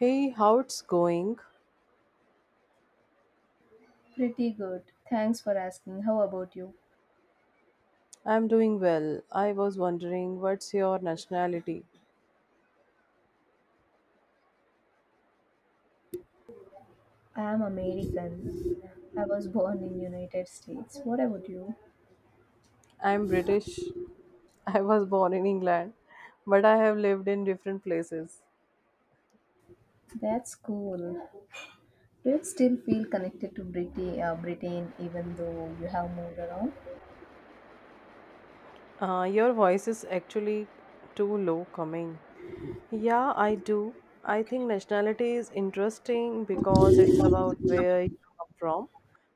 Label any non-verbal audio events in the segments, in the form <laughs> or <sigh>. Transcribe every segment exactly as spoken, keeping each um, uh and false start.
Hey, how it's going? Pretty good. Thanks for asking. How about you? I'm doing well. I was wondering what's your nationality? I am American. I was born in United States. What about you? I'm British. <laughs> I was born in England, but I have lived in different places. That's cool. Do you still feel connected to Briti- uh, Britain even though you have moved around? Uh, your voice is actually too low coming. Yeah, I do. I think nationality is interesting because it's about where you come from,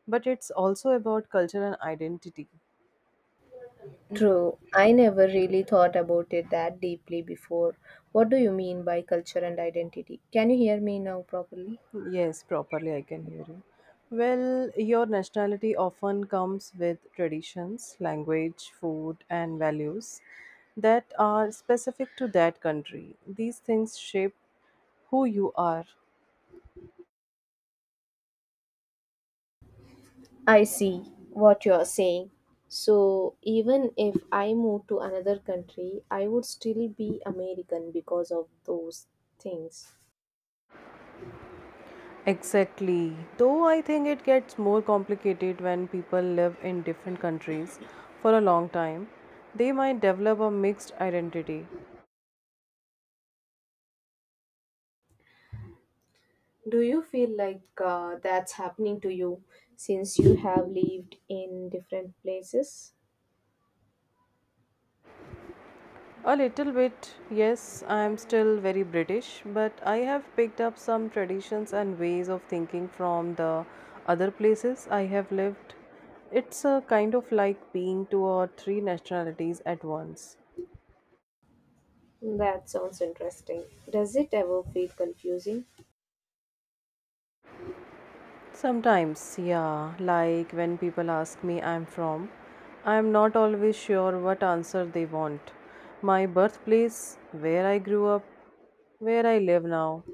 but it's also about culture and identity. True. I never really thought about it that deeply before. What do you mean by culture and identity? Can you hear me now properly? Yes, properly, I can hear you. Well, your nationality often comes with traditions, language, food, and values that are specific to that country. These things shape who you are. I see what you're saying. So, even if I move to another country, I would still be American because of those things. Exactly. Though I think it gets more complicated when people live in different countries for a long time, they might develop a mixed identity. Do you feel like uh, that's happening to you since you have lived in different places? A little bit, yes, I am still very British, but I have picked up some traditions and ways of thinking from the other places I have lived. It's a kind of like being two or three nationalities at once. That sounds interesting. Does it ever feel confusing? Sometimes, yeah, like when people ask me I'm from, I'm not always sure what answer they want. My birthplace, where I grew up, where I live now.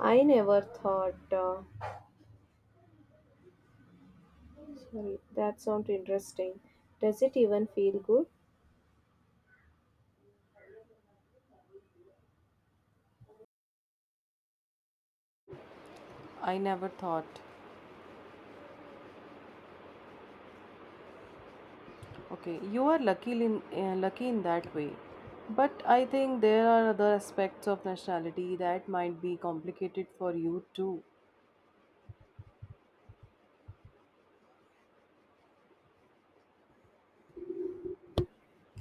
I never thought. Uh, sorry, that sounds interesting. Does it even feel good? I never thought okay, you are lucky in uh, lucky in that way. But I think there are other aspects of nationality that might be complicated for you too.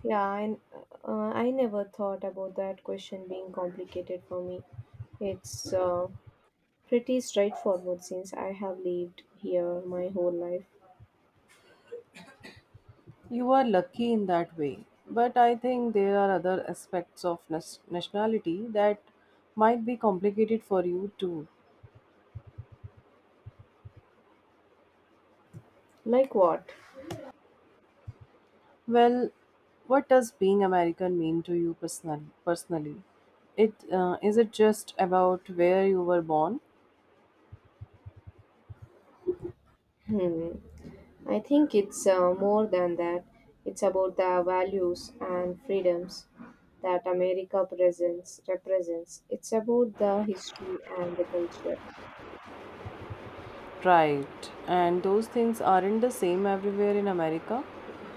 Yeah, I, uh, I never thought about that question being complicated for me. It's uh, pretty straightforward since I have lived here my whole life. You are lucky in that way. But I think there are other aspects of nas- nationality that might be complicated for you too. Like what? Well, what does being American mean to you personally? Personally, it uh, is it just about where you were born? Hmm. I think it's uh, more than that. It's about the values and freedoms that America presents represents. It's about the history and the culture. Right. And those things aren't the same everywhere in America,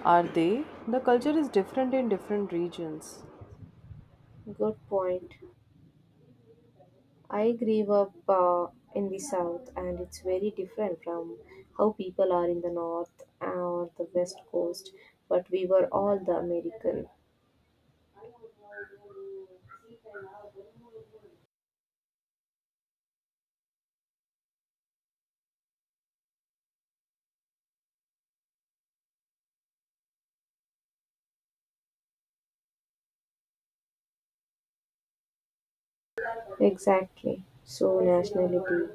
are they? The culture is different in different regions. Good point. I grew up uh, in the south, and it's very different from how people are in the north or the west coast, but we were all the American. Exactly. So, nationality.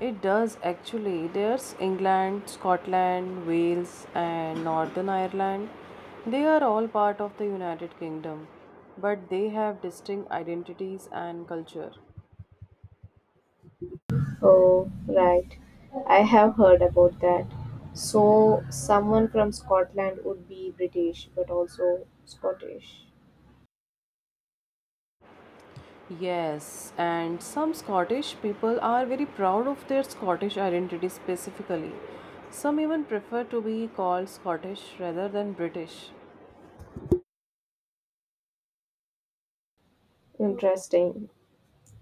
It does actually. There's England, Scotland, Wales, and Northern Ireland. They are all part of the United Kingdom, but they have distinct identities and culture. Oh, right. I have heard about that. So, someone from Scotland would be British, but also Scottish. Yes, and some Scottish people are very proud of their Scottish identity specifically. Some even prefer to be called Scottish rather than British. Interesting.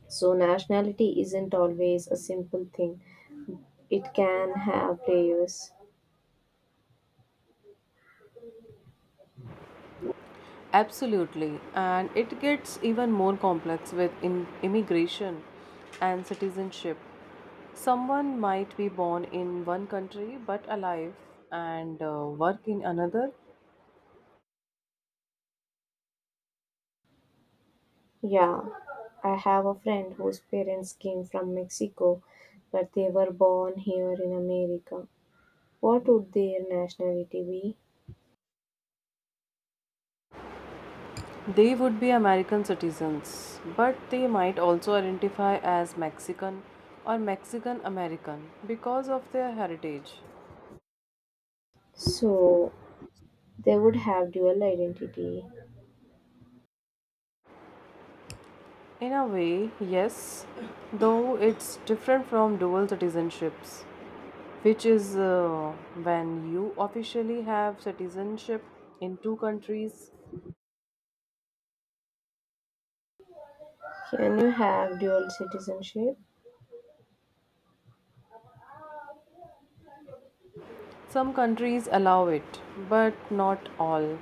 So, nationality isn't always a simple thing, it can have layers. Absolutely, and it gets even more complex with in- immigration and citizenship. Someone might be born in one country but alive and uh, work in another. Yeah, I have a friend whose parents came from Mexico, but they were born here in America. What would their nationality be? They would be American citizens, but they might also identify as Mexican or Mexican American because of their heritage. So, they would have dual identity. In a way, yes, though it's different from dual citizenships, which is uh, when you officially have citizenship in two countries. Can you have dual citizenship? Some countries allow it, but not all.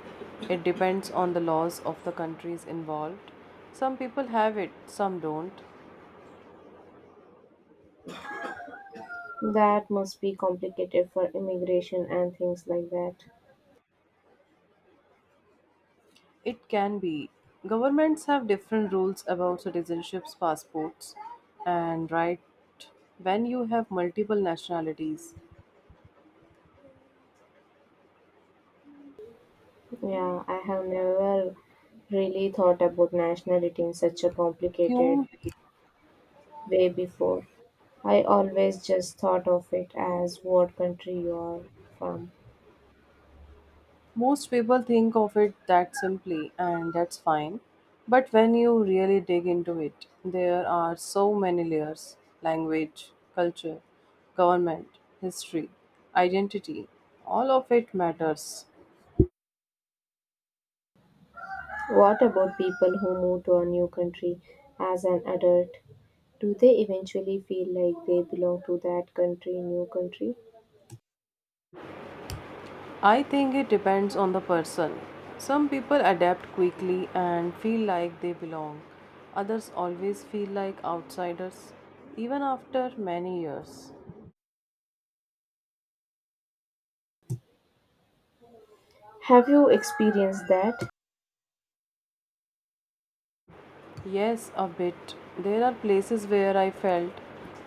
It depends on the laws of the countries involved. Some people have it, some don't. That must be complicated for immigration and things like that. It can be. Governments have different rules about citizenships, passports, and right when you have multiple nationalities. Yeah, I have never really thought about nationality in such a complicated You, way. Way before. I always just thought of it as what country you are from. most people think of it that simply, and that's fine. But when you really dig into it, there are so many layers: language, culture, government, history, identity. All of it matters. What about people who move to a new country as an adult? Do they eventually feel like they belong to that country, new country? I think it depends on the person. Some people adapt quickly and feel like they belong. Others always feel like outsiders, even after many years. Have you experienced that? Yes, a bit. There are places where I felt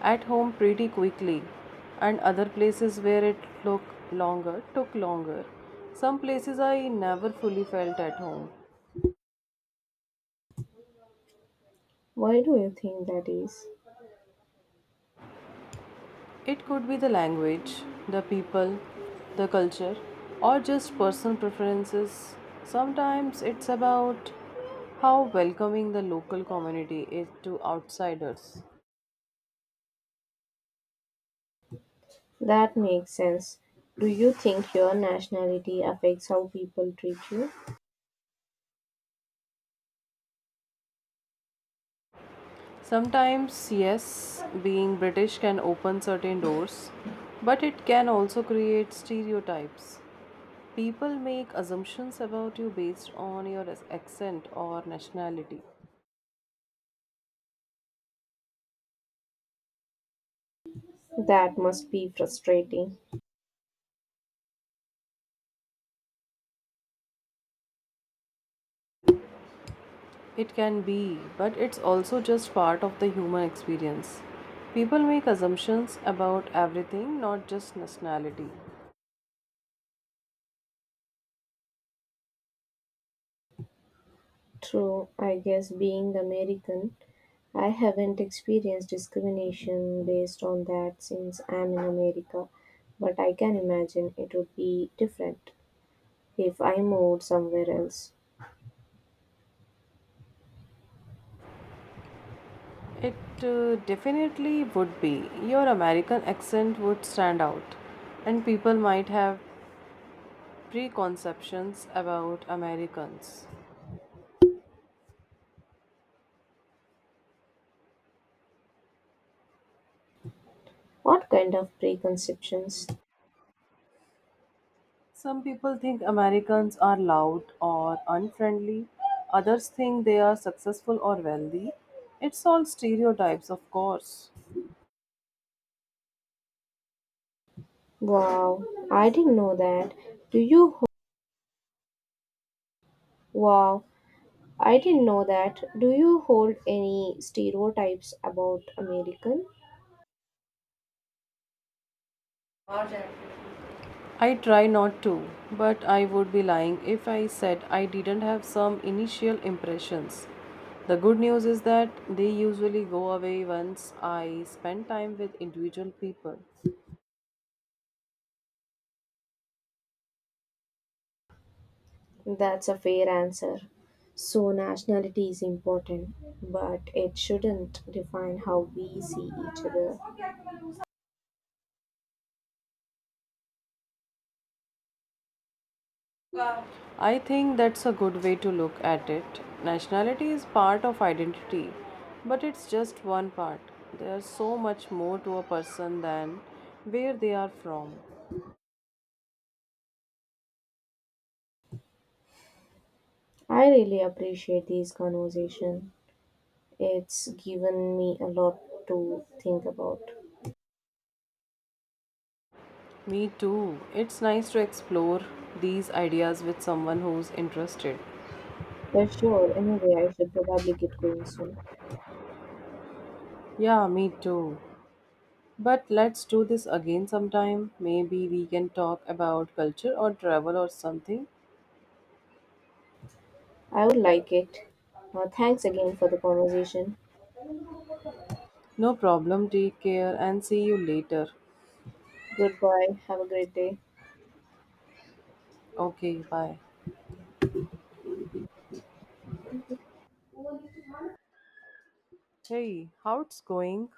at home pretty quickly, and other places where it took longer, took longer. Some places I never fully felt at home. Why do you think that is? It could be the language, the people, the culture, or just personal preferences. Sometimes it's about how welcoming the local community is to outsiders. That makes sense. Do you think your nationality affects how people treat you? Sometimes, yes, being British can open certain doors, but it can also create stereotypes. People make assumptions about you based on your accent or nationality. That must be frustrating. It can be, but it's also just part of the human experience. People make assumptions about everything, not just nationality. True, I guess being American, I haven't experienced discrimination based on that since I'm in America, but I can imagine it would be different if I moved somewhere else. It uh, definitely would be. Your American accent would stand out, and people might have preconceptions about Americans. What kind of preconceptions? Some people think Americans are loud or unfriendly, others think they are successful or wealthy. It's all stereotypes, of course. Wow, I didn't know that. Do you ho- Wow, I didn't know that. Do you hold any stereotypes about American? I try not to, but I would be lying if I said I didn't have some initial impressions. The good news is that they usually go away once I spend time with individual people. That's a fair answer. So, nationality is important, but it shouldn't define how we see each other. I think that's a good way to look at it. Nationality is part of identity, but it's just one part. There's so much more to a person than where they are from. I really appreciate this conversation. It's given me a lot to think about. Me too. It's nice to explore these ideas with someone who's interested. For sure, anyway, I should probably get going soon. Yeah, me too. But let's do this again sometime. Maybe we can talk about culture or travel or something. I would like it. Uh, thanks again for the conversation. No problem. Take care and see you later. Goodbye. Have a great day. Okay, bye. Hey, how it's going?